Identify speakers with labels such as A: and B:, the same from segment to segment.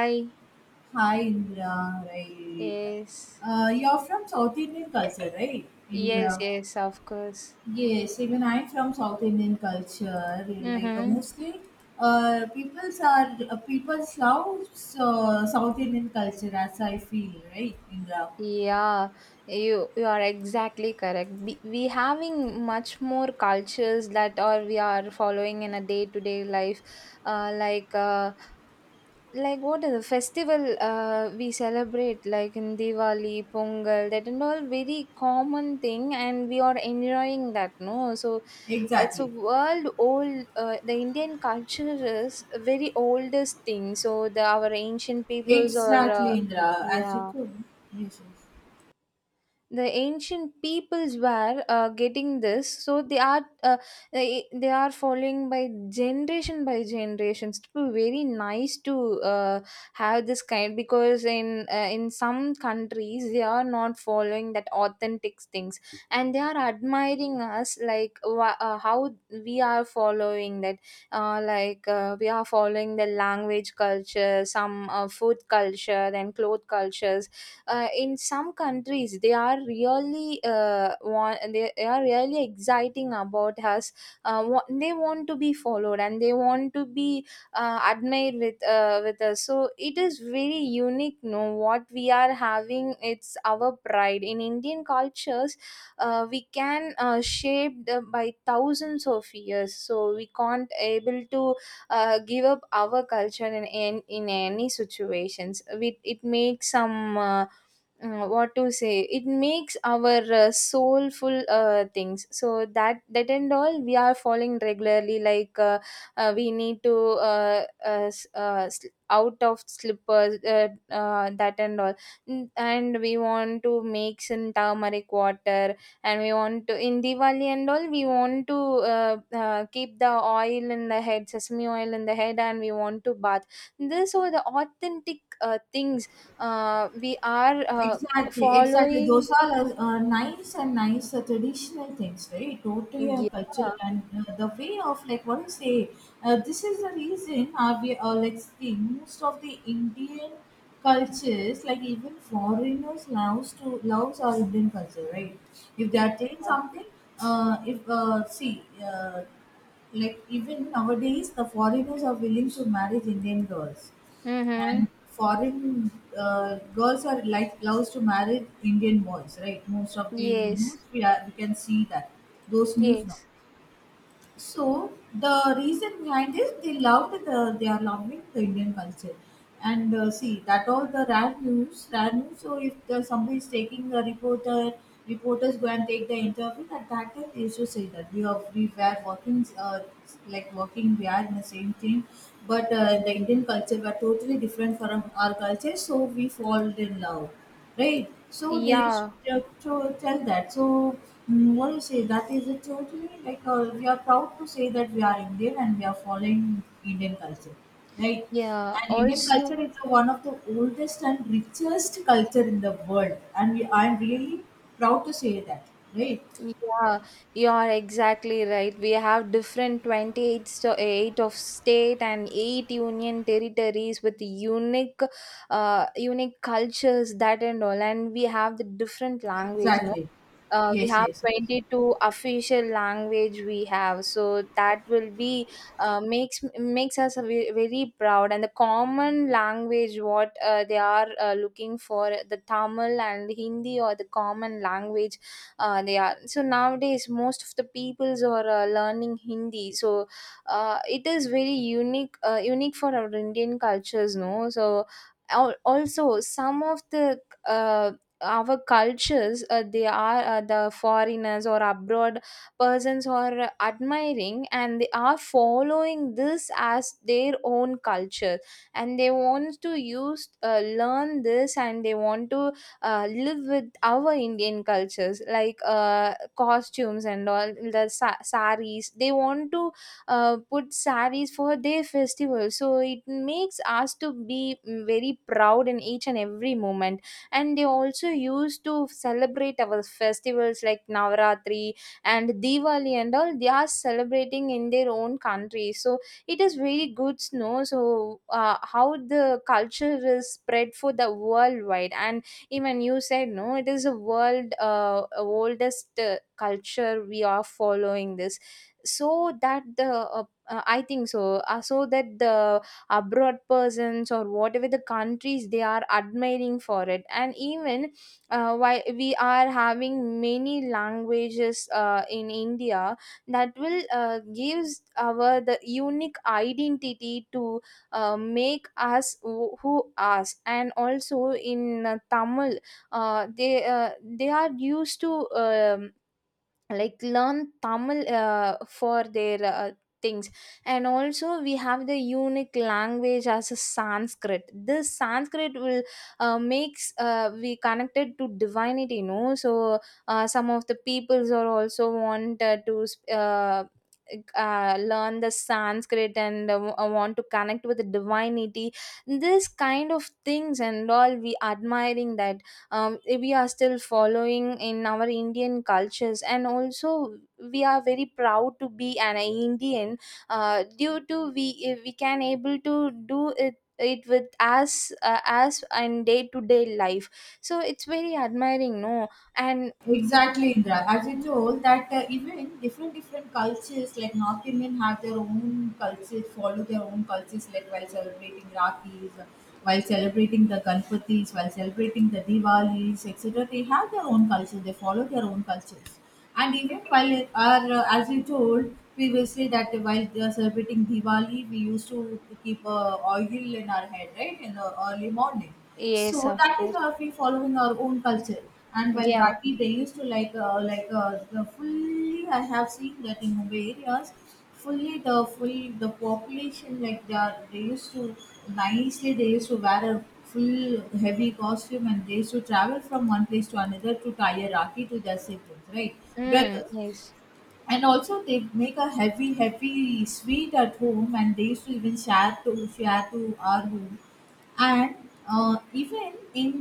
A: Hi.
B: Hi, Indra, right.
A: Yes.
B: You're from South Indian culture, right?
A: Yes,
B: Indra.
A: yes, of course.
B: Yes, even I'm from South Indian culture. Like
A: Mm-hmm.
B: mostly, people's are people's love South Indian culture as I feel, right, Indra?
A: Yeah, you are exactly correct. We having much more cultures that or we are following in a day to day life, uh, like uh, like what is the festival we celebrate like in Diwali, Pongal, that and all very common thing, and we are enjoying that. No, so it's a
B: Exactly,
A: world old, the Indian culture is a very oldest thing, so the our ancient peoples or
B: exactly, Indra. As you
A: yeah,
B: told, yes, yes.
A: the ancient peoples were getting this, so they are they are following by generation by generation. It's very nice to have this kind, because in some countries they are not following that authentic things, and they are admiring us like how we are following that, like we are following the language culture, some food culture, then cloth cultures. In some countries they are really want, they are really exciting about us. They want to be followed, and they want to be admired with us. So it is very unique, no, what we are having. It's our pride in Indian cultures. We can shape the, by thousands of years, so we can't able to give up our culture in, in any situations. We, it makes some what to say, it makes our soulful things, so that that and all we are following regularly, like we need to out of slippers, that and all. Mm, and we want to make some turmeric water, and we want to, in Diwali and all, we want to keep the oil in the head, sesame oil in the head, and we want to bath. These are the authentic things we are
B: Exactly, exactly.
A: following.
B: Those are nice and nice traditional things, right? Totally
A: Yeah.
B: cultural and the way of, like, what do you say? This is the reason are we like, see, most of the Indian cultures, like even foreigners, loves our Indian culture, right? If they
A: Yeah.
B: are doing something, if see. Like even nowadays the foreigners are willing to marry indian girls
A: Mm-hmm.
B: and foreign girls are like loves to marry Indian boys, right? Most of the
A: Yes.
B: news we can see that those news now.
A: Yes.
B: So the reason behind is they are loving the Indian culture, and see that all the rare news, rare news. So if somebody is taking a reporter, reporters go and take the interview. At that time, they used to say that we were working we are in the same team, but the Indian culture were totally different from our culture. So we fall in love, right? So they should
A: Yeah.
B: to tell that. So mm, what do you say? That is a totally like we are proud to say that we are Indian and we are following Indian culture, right?
A: Yeah.
B: And Indian
A: Also,
B: culture is one of the oldest and richest culture in the world, and I'm really proud to say that, right?
A: yeah, you are exactly right. We have different 28 eight of state and eight union territories with unique, unique cultures, that and all. And we have the different language.
B: Exactly.
A: We
B: Yes,
A: have
B: yes, yes.
A: 22 official language we have, so that will be makes us a very proud, and the common language, what they are looking for, the Tamil and Hindi, or the common language they are. So nowadays, most of the peoples are learning Hindi, so it is very unique, unique for our Indian cultures, no. So also, some of the uh, our cultures, they are, the foreigners or abroad persons are admiring, and they are following this as their own culture, and they want to use learn this, and they want to live with our Indian cultures, like costumes and all. The saris, they want to put saris for their festival, so it makes us to be very proud in each and every moment. And they also used to celebrate our festivals like Navaratri and Diwali and all. They are celebrating in their own country, so it is very good to know. So how the culture is spread for the worldwide, and even you said no, it is a world oldest culture we are following this. So that the I think so, so that the abroad persons or whatever the countries, they are admiring for it. And even while we are having many languages in India, that will gives our the unique identity to make us who us. And also in Tamil, uh, they uh, they are used to um, like learn Tamil for their things. And also we have the unique language as a Sanskrit. This Sanskrit will makes we connected to divinity, you know. So some of the peoples are also want to uh, learn the Sanskrit and want to connect with the divinity. This kind of things and all we admiring that, we are still following in our Indian cultures, and also we are very proud to be an Indian. Due to we can able to do it with us, as and day to day life. So it's very admiring, no? And
B: Exactly, Indra. As you told that even different different cultures like North Indian have their own cultures, follow their own cultures like while celebrating Rakhis, while celebrating the Ganpatis, while celebrating the Diwalis, etc. They have their own culture. They follow their own cultures. And even while it are as you told previously that while they are celebrating Diwali, we used to keep oil in our head, right, in the early morning,
A: yes,
B: so
A: of
B: that is
A: course,
B: we following our own culture. And while
A: yeah,
B: Rathi, they used to the fully. I have seen that in Mumbai areas, fully the full the population like they used to nicely they used to wear a full heavy costume and they used to travel from one place to another to tie a Rathi to their siblings, right,
A: mm,
B: brothers,
A: yes,
B: and also they make a heavy heavy sweet at home and they used to even share to our home. And even in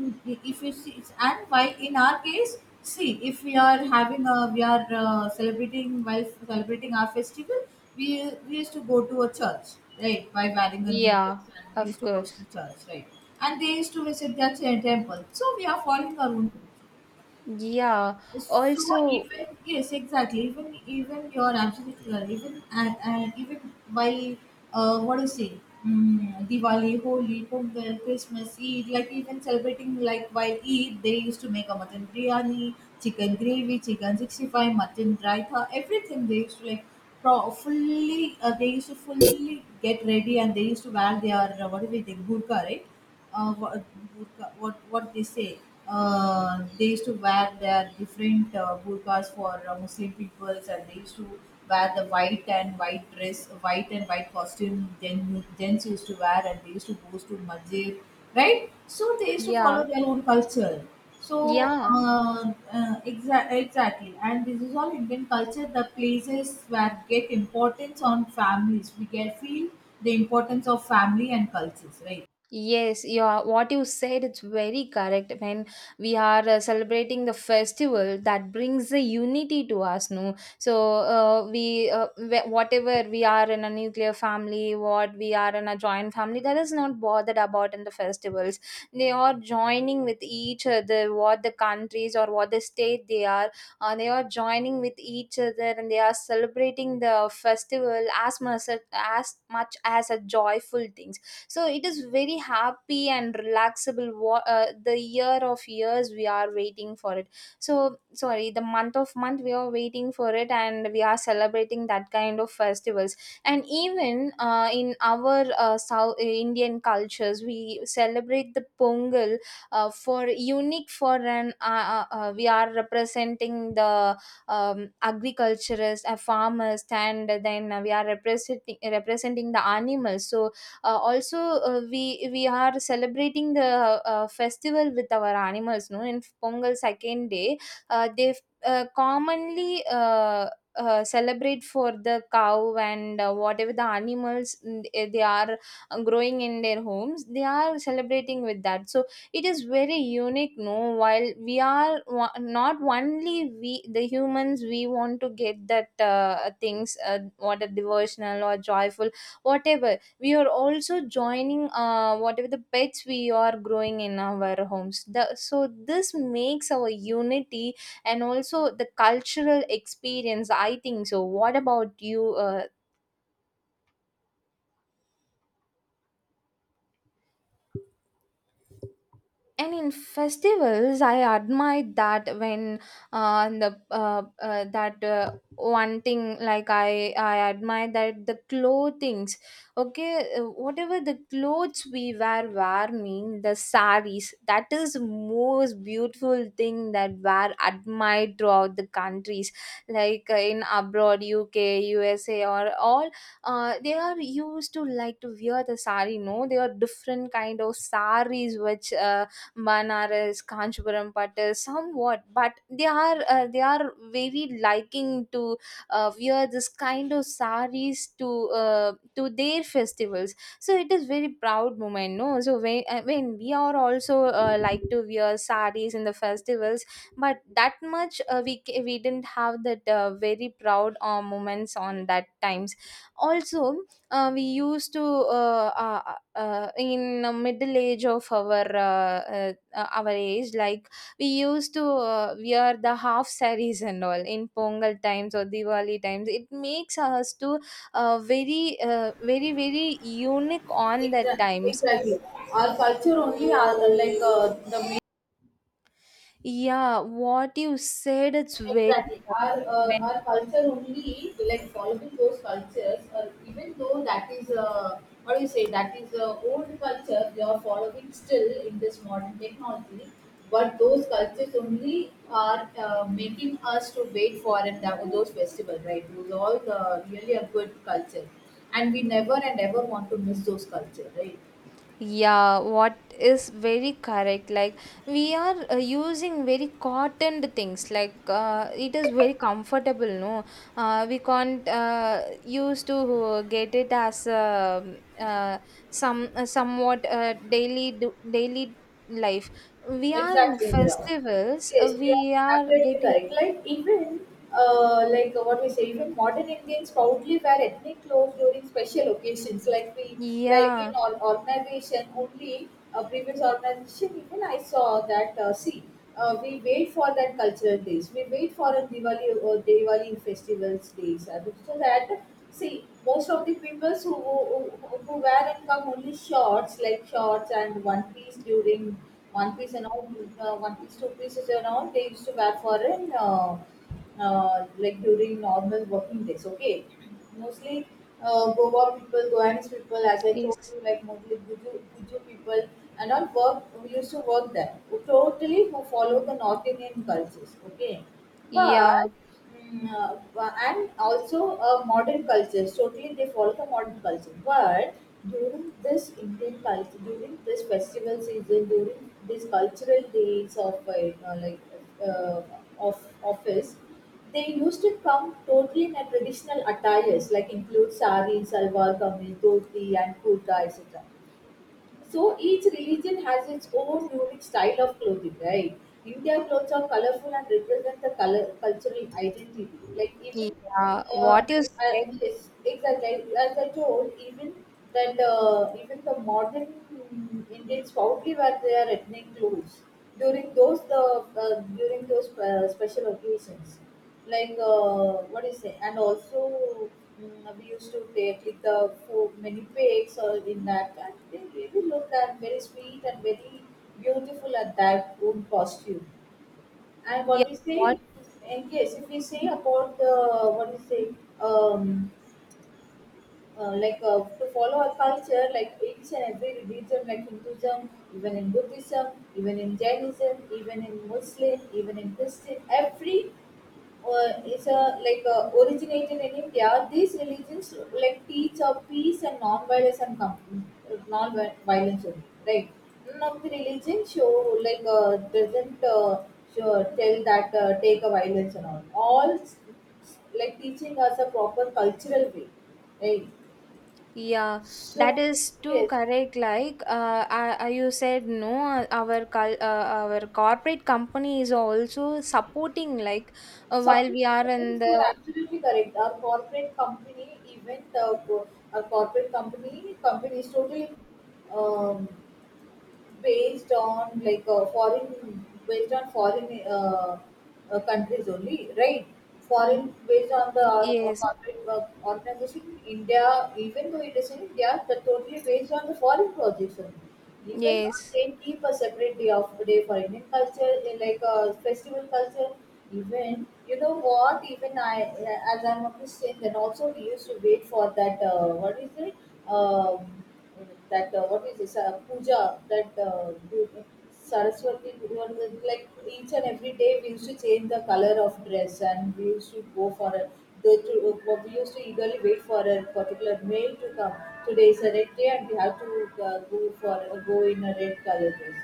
B: if you see and why in our case, see if we are celebrating while celebrating our festival, we used to go to a church, right, by wearing a new
A: yeah,
B: dress and we
A: of
B: used to go
A: course,
B: to church, right. And they used to visit their temple, so we are following our own.
A: yeah.
B: So
A: Also,
B: even yes, exactly. Even even you're absolutely right. Even and Even while what do you say? Mm, Diwali, Holi, Pongal, Christmas, Eid, like even celebrating like while Eid, they used to make a mutton biryani, chicken gravy, chicken 65, mutton raita, everything. They used to like fully. They used to fully get ready and they used to wear their what do we think burqa, right? uh, what, what they say. They used to wear their different burqas for Muslim people, and they used to wear the white and white dress, white and white costume. Gents used to wear, and they used to go to masjid, right? So they used to follow
A: yeah,
B: their own culture. So
A: yeah.
B: uh, exactly, and this is all Indian culture. The places where get importance on families, we get feel the importance of family and cultures, right?
A: Yes, yeah, what you said it's very correct. When we are celebrating the festival, that brings the unity to us, no? So we, whatever we are in a nuclear family, what we are in a joint family, that is not bothered about in the festivals. They are joining with each other, what the countries or what the state they are joining with each other, and they are celebrating the festival as much as a joyful thing, so it is very happy and relaxable. The year of years we are waiting for it, so sorry, the month of month we are waiting for it, and we are celebrating that kind of festivals. And even in our South Indian cultures we celebrate the Pongal for unique, for an we are representing the agriculturists, farmers, and then we are representing the animals. So also, we are celebrating the festival with our animals, no. In Pongal second day, they commonly celebrate for the cow, and whatever the animals, mm, eh, they are growing in their homes, they are celebrating with that. So it is very unique, no. While we are not only we the humans, we want to get that things, what are devotional or joyful, whatever. We are also joining, whatever the pets we are growing in our homes, the. So this makes our unity, and also the cultural experience. I think so, what about you? And in festivals I admire that, when the that one thing, like I admire that the clothings. Okay, whatever the clothes we wear mean, the saris, that is most beautiful thing that were admired throughout the countries, like in abroad, UK, USA or all, they are used to like to wear the sari, no. They are different kind of saris, which Banaras, Kanchipuram pattu, somewhat, but they are very liking to wear this kind of saris to their festivals. So it is very proud moment, no? So when I mean, we are also like to wear saris in the festivals, but that much we we didn't have that very proud moments on that times. Also, we used to in the middle age of our age, like we used to wear the half sarees and all in Pongal times or Diwali times, it makes us to very very very unique on that times.
B: Exactly. Our culture only are the main
A: Yeah, what you said it's very
B: exactly
A: correct.
B: our
A: When,
B: culture only like following those cultures even though that is what do you say, that is old culture they are following still in this modern technology, but those cultures only are making us to wait for and that, those festivals, right, those all the really a good culture, and we never and ever want to miss those culture, right.
A: yeah, what is very correct. Like we are using very cottoned things. Like it is very comfortable, no. We can't use to get it as some somewhat daily do, daily life. We are in
B: Exactly, Indira.
A: festivals. Uh,
B: Yes, you
A: we
B: are
A: are
B: absolutely
A: getting,
B: correct. Like even what we say, even modern Indians proudly wear ethnic clothes during special occasions. Like we, like
A: yeah.
B: in all organization, only previous organization. Even I saw that. See, we wait for that cultural days. We wait for a Diwali or Diwali festivals days. So that see, most of the people who wear and come only shorts, like shorts and one piece during one piece and all, one piece, two pieces and all, they used to wear for an, like during normal working days. Okay, mostly Goa people, Goanese people, as I told
A: Yes.
B: you, like mostly Guju people and all work who used to work there. Who totally who follow the North Indian cultures. Okay,
A: Yeah.
B: but mm, and also a modern culture. Totally, they follow the modern culture. But during this Indian culture, during this festival season, during these cultural days of like uh, of office, they used to come totally in a traditional attires, like include sari, salwar kameez, dhoti, and kurta, etc. So each religion has its own unique style of clothing, right? India clothes are colorful and represent the color cultural identity. Like even,
A: Yeah.
B: uh,
A: What you said.
B: yes, exactly. Like, as I told, even that even the modern Indians proudly wear their ethnic clothes during those the uh, during those special occasions, like what is it? And also mm, we used to take like the food, many pigs or in that, and they really look and very sweet and very beautiful at that own costume. And
A: Yeah.
B: what we
A: What.
B: say, and yes, if we say about the what we say. Um, to follow our culture, like each and every religion, like Hinduism, even in Buddhism, even in Jainism, even in Muslim, even in Christian, every is a like originated in India. These religions like teach of peace and non-violence and non-violence, only, right? None of the religion show like doesn't show, tell that take a violence and all. Like teaching us a proper cultural way, right?
A: Yeah, that
B: So,
A: is too
B: yes,
A: correct. Like, I, you said no. Our our corporate company is also supporting. Like, while
B: support
A: we are in
B: programs, you
A: the.
B: are absolutely correct. Our corporate company, even the our corporate company, company is totally um, based on like foreign based on foreign countries only, right, foreign based on the
A: Yes,
B: corporate organization india, even though it is in india they're totally based on the foreign projects only, even though
A: yes,
B: they keep a separate day of day for indian culture like a festival culture. Even, you know what, even I as I'm a Christian then also we used to wait for that what is it, that what is this puja that Saraswati Durga. Like each and every day we used to change the color of dress and we used to go for a they to, we used to eagerly wait for a particular male to come. Today is a red day and we have to go in a red color dress.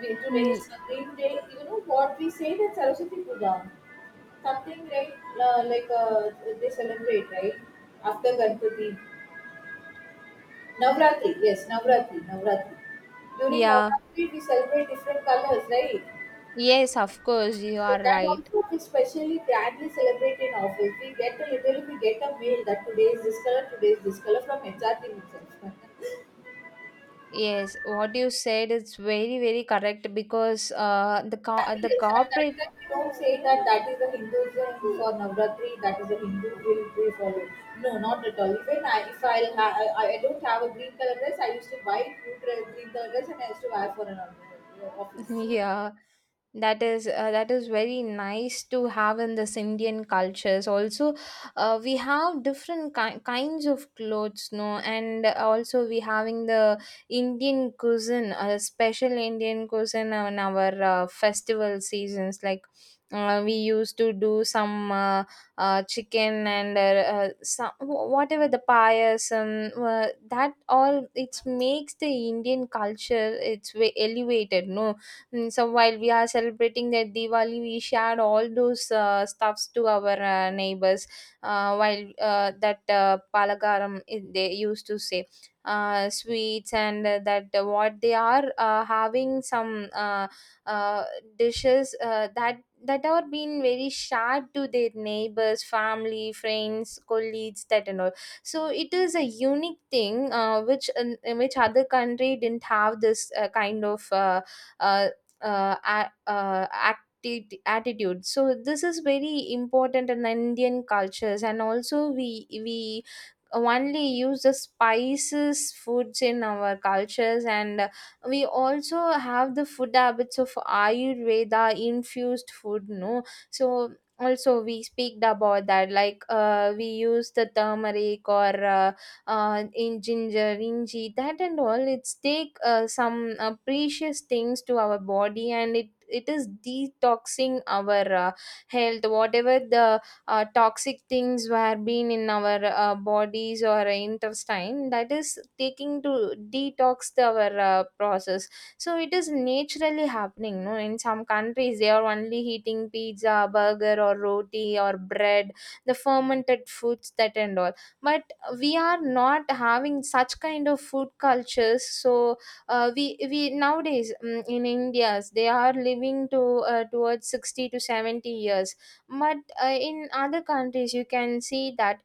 B: Today
A: mm,
B: is a green day. You know what we say that Saraswati Puja something, right, uh, like uh, they celebrate, right, after Ganpati. Navratri, yes, Navratri, Navratri. During
A: yeah,
B: Navratri, we celebrate different colors, right?
A: yes. Of course, you
B: Yes,
A: are
B: that
A: right.
B: also we specially grandly celebrate in office. We get a literally we get a mail that today is this color, today is this color from HR team itself.
A: Yes, what you said is very very correct, because the
B: That-
A: the
B: yes, at that
A: corporate.
B: time we don't say that that is the Hinduism for Navratri, that is the Hindu will we follow. No, not at all. Even I, if I, ha- I don't have a green color dress, I used to buy blue dress, green color dress, and I used to wear for an office.
A: Yeah, that is very nice to have in this Indian cultures. Also, we have different kinds of clothes, no, and also we having the Indian cuisine, a special Indian cuisine on our festival seasons. Like we used to do some chicken and some whatever the payasam, that all it makes the Indian culture it's way elevated, no. Mm, so while we are celebrating their Diwali, we shared all those stuffs to our neighbors. While that palagaram, they used to say sweets and that what they are having some uh, dishes that are being very shared to their neighbors, family, friends, colleagues, that and all. So it is a unique thing, which, in which other country didn't have this kind of. Uh, uh, a- Attitude, so this is very important in indian cultures, and also we only use the spices foods in our cultures. And we also have the food habits of ayurveda infused food, no? So also we speak about that, like we use the turmeric or in ginger inji that and all. It's take some precious things to our body, and it is detoxing our health. Whatever the toxic things were being in our bodies or intestine, that is taking to detox the, our process. So it is naturally happening, no? In some countries they are only eating pizza, burger, or roti or bread, the fermented foods that and all. But we are not having such kind of food cultures. So we nowadays in india's, they are living to towards 60 to 70 years. But in other countries you can see that,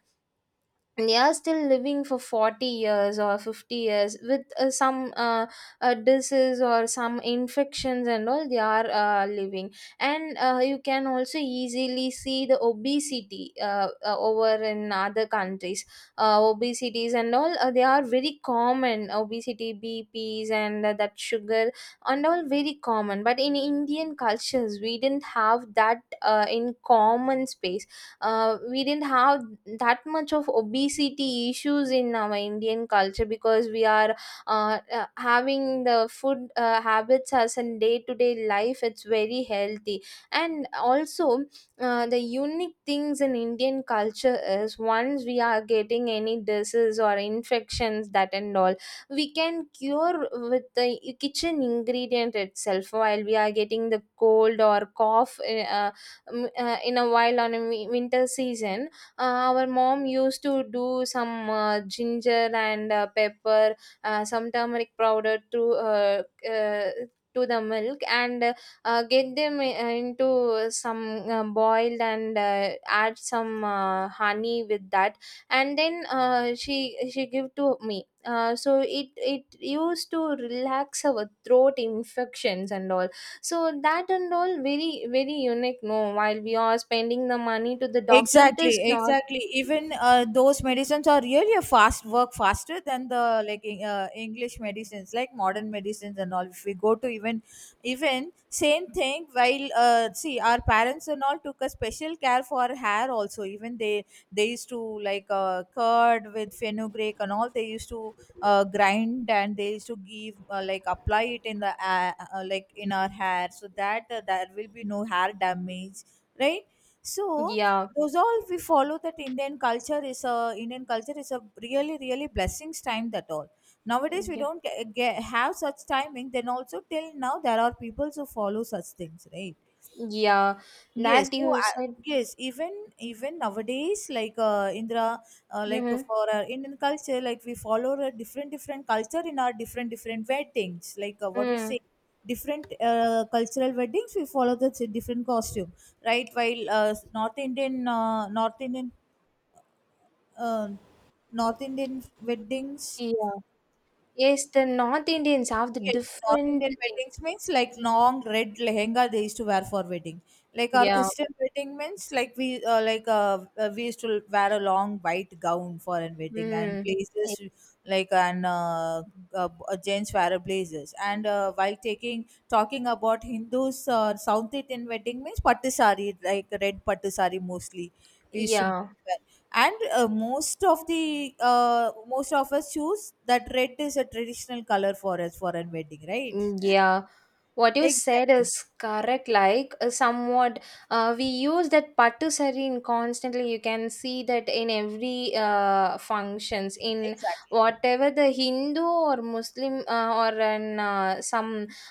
A: and they are still living for 40 years or 50 years with some disease or some infections and all, they are living. And you can also easily see the obesity over in other countries. Obesities and all, they are very common: obesity, bps, and that sugar and all, very common. But in indian cultures we didn't have that in common space. We didn't have that much of obesity issues in our indian culture, because we are having the food habits as in day to day life, it's very healthy. And also the unique things in indian culture is, once we are getting any disease or infections that and all, we can cure with the kitchen ingredient itself. While we are getting the cold or cough, in a while on a winter season, our mom used to do some ginger and pepper, some turmeric powder uh, to the milk, and get them into some boiled, and add some honey with that. And then she give to me, so it used to relax our throat infections and all. So that and all very very unique. No, while we are spending the money to the doctor, it
B: exactly
A: is not.
B: exactly Even those medicines are really a fast work faster than the English medicines, like modern medicines and all, if we go to even same thing. While see, our parents and all took a special care for hair also. Even they used to, like curd with fenugreek and all, they used to grind and they used to give, like apply it in the like in our hair, so that there will be no hair damage, right? So
A: Yeah,
B: those all we follow. That Indian culture is a, Indian culture is a really really blessings time. That all nowadays we
A: yeah,
B: don't get, have such timing. Then also till now there are people who follow such things, right?
A: yeah.
B: Yes,
A: That
B: so
A: you said.
B: yes, even nowadays, like Indra, like
A: Mm-hmm.
B: for our Indian culture, like we follow a different different culture in our different different weddings. Like what we
A: Mm,
B: say, different cultural weddings, we follow the different costume, right? While North Indian, uh, North Indian weddings.
A: yeah. Yes, the North Indians have the
B: Yes, North
A: different
B: Indian
A: things.
B: weddings means like long red lehenga they used to wear for wedding. Like our
A: Yeah.
B: Christian wedding means like we used to wear a long white gown for a wedding and
A: Mm.
B: blazers, like and uh, gents wear blazers. And while taking talking about Hindus, South Indian wedding means pattu sari, like red pattu sari mostly we used to wear.
A: Yeah.
B: And most of the most of us choose that red is a traditional color for us for a wedding, right?
A: Mm, yeah. What you said
B: exactly
A: is correct, like somewhat we use that pattu sari in constantly, you can see that in every functions in
B: exactly
A: whatever the hindu or muslim or in some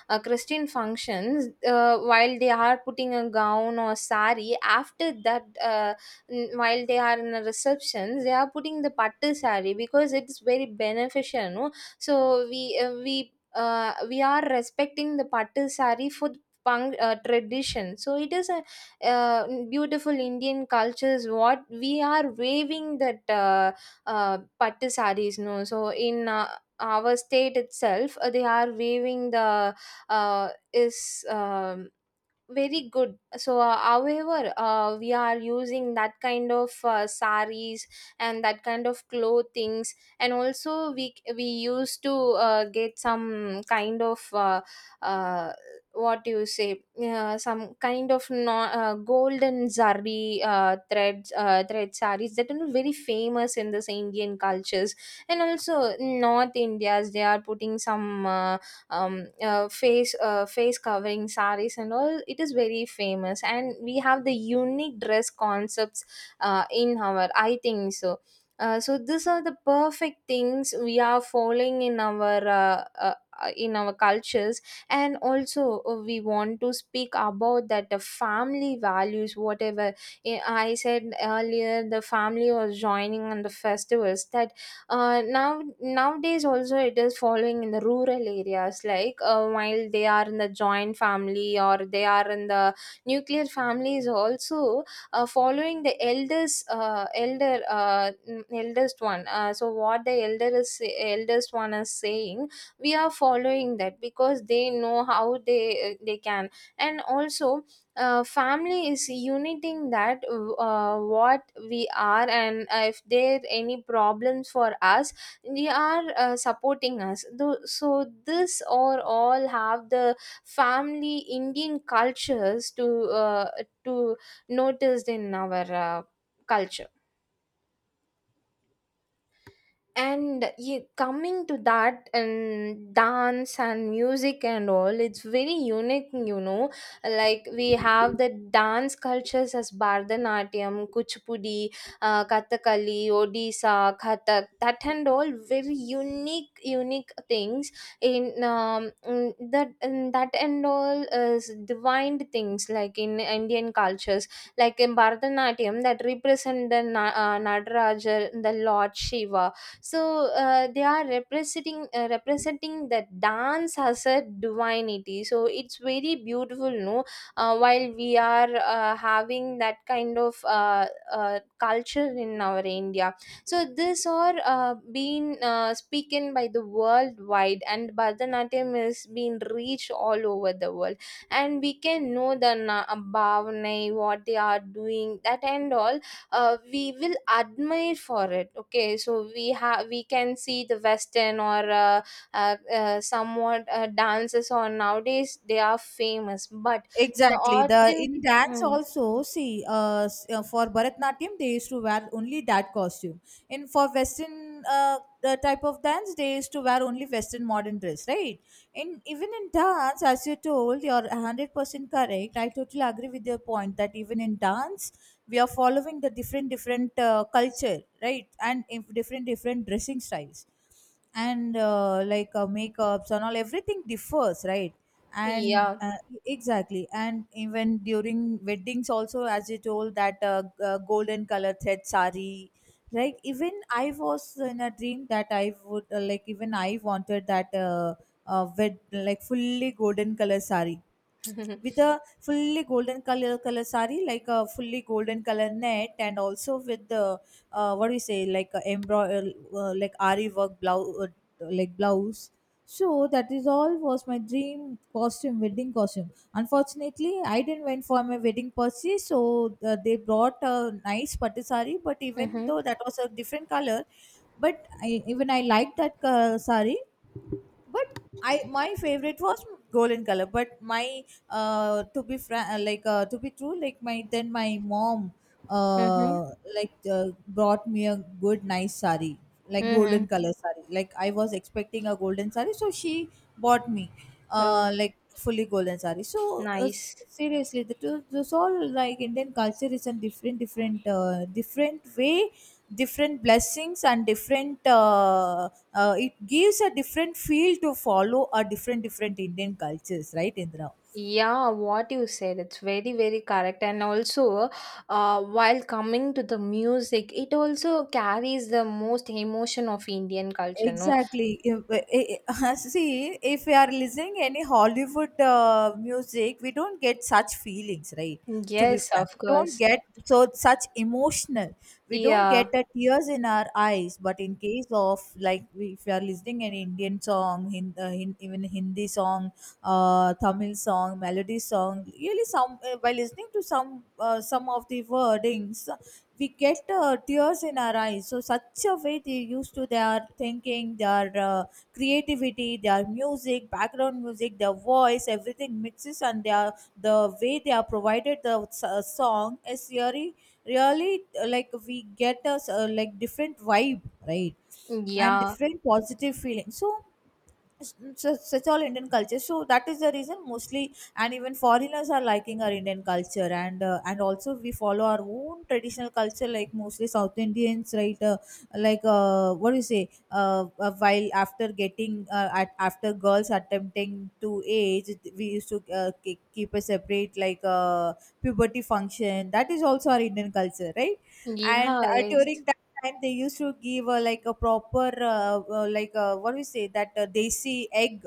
A: christian functions. While they are putting a gown or sari, after that, uh, while they are in the receptions, they are putting the pattu sari because it's very beneficial, no? So we uh, we we are respecting the pattu sari for the tradition. So it is a uh, beautiful indian cultures what we are waving, that uh, pattu saris, no? So in our state itself, they are waving the uh, is um, very good. So however we are using that kind of saris and that kind of clothings. And also we used to get some kind of uh, what do you say, some kind of, no, golden zari threads, thread saris that are very famous in this indian cultures. And also north indias, they are putting some face covering saris and all, it is very famous. And we have the unique dress concepts in our, I think so. So these are the perfect things we are following in our cultures. And also we want to speak about that the family values. Whatever i I said earlier, the family was joining on the festivals. That now nowadays also it is following in the rural areas, like while they are in the joint family or they are in the nuclear families also, following the eldest, eldest one. So what the elder is eldest one is saying, we are following that, because they know how they can. And also family is uniting, that what we are. And if there any problems for us, they are supporting us. So this or all have the family indian cultures to uh, to noticed in our culture. And you coming to that, and dance and music and all, it's very unique, you know. Like we have the dance cultures as bharatanatyam, kuchipudi, kathakali, odisha, kathak, that and all, very unique unique things in that. And that and all is divine things, like in indian cultures. Like in bharatanatyam, that represent the nadaraja, the lord shiva. So they are representing representing the dance as a divinity, so it's very beautiful, no? While we are having that kind of culture in our india. So this are being spoken by the worldwide, and bharatanatyam is being reached all over the world. And we can know the bhavnai, what they are doing that and all, we will admire for it. Okay, so we have, we can see the western or somewhat dances on nowadays they are famous. But the
B: Exactly. The in
A: authentic.
B: dance
A: Mm,
B: also, see for Bharatnatyam they used to wear only that costume. In for Western, the type of dance they used to wear only Western modern dress, right? In even in dance, as you told, you're 100% correct. I totally agree with your point that even in dance we are following the different different culture, right? And if different different dressing styles and makeups and all, everything differs, right? and
A: yeah.
B: exactly. And even during weddings also, as you told, that golden color thread sari, right? Even I was in a dream that I would even I wanted that, with like fully golden color sari,
A: Mm-hmm,
B: with a fully golden color sari, like a fully golden color net, and also with the what do you say, like a embroider, like ari work blouse, like blouse. So that is all was my dream costume, wedding costume. Unfortunately I didn't went for my wedding per. So they brought a nice pattu sari, but even though that was a different color, but even I liked that sari. But I, my favorite was golden color. But my to be fra- like to be true, like my then my mom
A: mm-hmm,
B: uh like brought me a good nice sari, like
A: mm-hmm.
B: golden color sari. Like I was expecting a golden sari, so she bought me
A: Oh,
B: like fully golden saree. So
A: nice.
B: seriously, this all, like Indian culture is a different, different, different way, different blessings and different. It gives a different feel to follow a different, different Indian cultures, right, Indra?
A: Yeah, what you said it's very very correct. And also while coming to the music, it also carries the most emotion of indian culture, no?
B: Exactly. See, if we are listening any Hollywood music, we don't get such feelings, right? To be
A: Yes,
B: frank,
A: of
B: we don't
A: course.
B: get such emotional. We don't
A: Yeah,
B: get the tears in our eyes. But in case of like, if we are listening an Indian song, even Hindi song, Tamil song, melody song, really some by listening to some of the wordings, we get tears in our eyes. So such a way they used to, their thinking, their creativity, their music, background music, their voice, everything mixes, and their the way they are provided the song is really really like we get us like different vibe, right? And
A: yeah,
B: different positive feeling. So such, such all Indian culture. So that is the reason mostly, and even foreigners are liking our Indian culture. And and also we follow our own traditional culture, like mostly South Indians, right? What do you say? While after getting at after girls attempting to age, we used to keep a separate like puberty function. That is also our Indian culture, right? And
A: yeah, yes,
B: during that, and they used to give, like a proper like what we say, that desi egg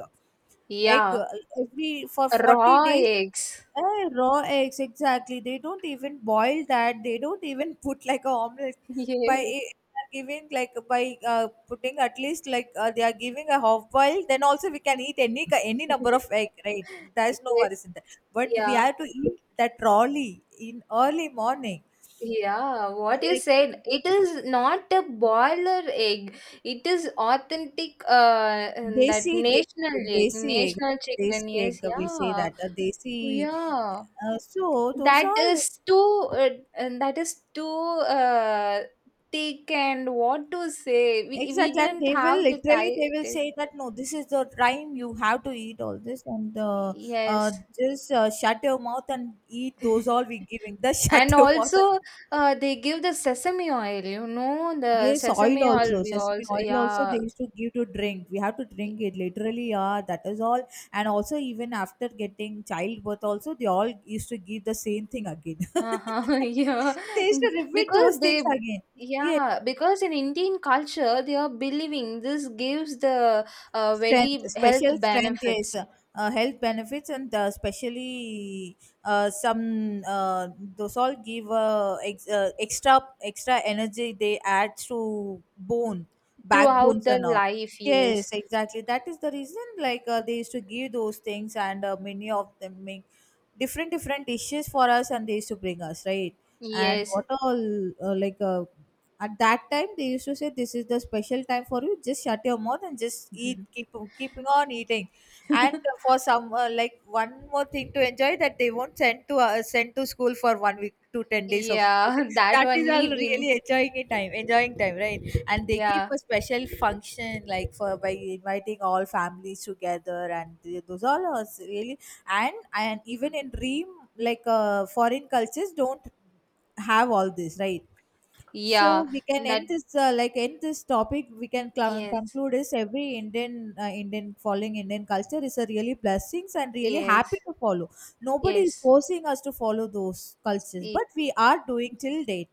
B: egg
A: yeah.
B: uh, every for 40
A: Raw
B: days.
A: eggs.
B: Raw eggs, exactly. They don't even boil that, they don't even put like a omelette, by giving like by putting at least like they are giving a half boil. Then also we can eat any number of egg, right?
A: Yes,
B: There's no
A: yes,
B: worries in that, but we
A: yeah,
B: have to eat that rawly, in early morning.
A: yeah. What you
B: Like
A: said, it is not a boiler egg. It is authentic. And that
B: desi
A: national
B: desi
A: egg,
B: desi egg,
A: national
B: right?
A: chicken.
B: Desi egg,
A: Yes,
B: we say
A: yeah,
B: that a desi,
A: yeah.
B: so those
A: That
B: all is
A: is too. And that is too. Thick and what to say. We
B: exactly. And
A: didn't
B: they will
A: have the
B: literally, they will
A: time.
B: say that no, this is the time you have to eat all this. And uh,
A: Yes.
B: just shut your mouth and eat those all we giving the, shut
A: And
B: your mouth and,
A: also, they give the sesame oil, you know, the
B: yes, oil
A: sesame oil
B: also,
A: we
B: sesame
A: also,
B: oil also
A: yeah,
B: they used to give to drink. We have to drink it literally, yeah, that is all. And also even after getting childbirth also, they all used to give the same thing again.
A: uh-huh, yeah,
B: They used to repeat those
A: because they,
B: things again. Yes,
A: yeah, because in Indian culture, they are believing this gives the
B: strength,
A: very health
B: special strength, yes,
A: benefits
B: health benefits. And especially some those all give, extra extra energy. They add to bone,
A: throughout
B: backbones,
A: the
B: and all.
A: life, yes,
B: Yes, exactly. That is the reason. Like they used to give those things, and many of them make different different dishes for us, and they used to bring us, right? And
A: yes,
B: what all uh, like uh, at that time, they used to say, "This is the special time for you. Just shut your mouth and just eat. Keep keeping on eating." And for some, like one more thing to enjoy, that they won't send to, send to school for 1 week to 10 days of
A: yeah,
B: period.
A: that
B: That is
A: only
B: all
A: been,
B: really enjoying it time, enjoying time, right? And they
A: yeah,
B: keep a special function, like, for by inviting all families together. And those all are really, and even in dream, like foreign cultures don't have all this, right? So
A: yeah,
B: we can
A: that,
B: end this, end this topic. We can
A: yes,
B: conclude, is every Indian Indian following Indian culture is a really blessings and really
A: yes,
B: happy to follow. Nobody is
A: yes,
B: forcing us to follow those cultures, but
A: yes.
B: we are doing till date,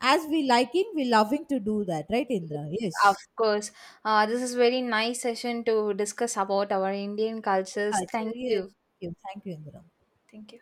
B: as we liking, we loving to do that, right,
A: Yes,
B: Indra?
A: of
B: Yes.
A: course. This is very nice session to discuss about our Indian cultures.
B: Culture,
A: Thank
B: yes. Thank
A: you.
B: you, Indra.
A: Thank you.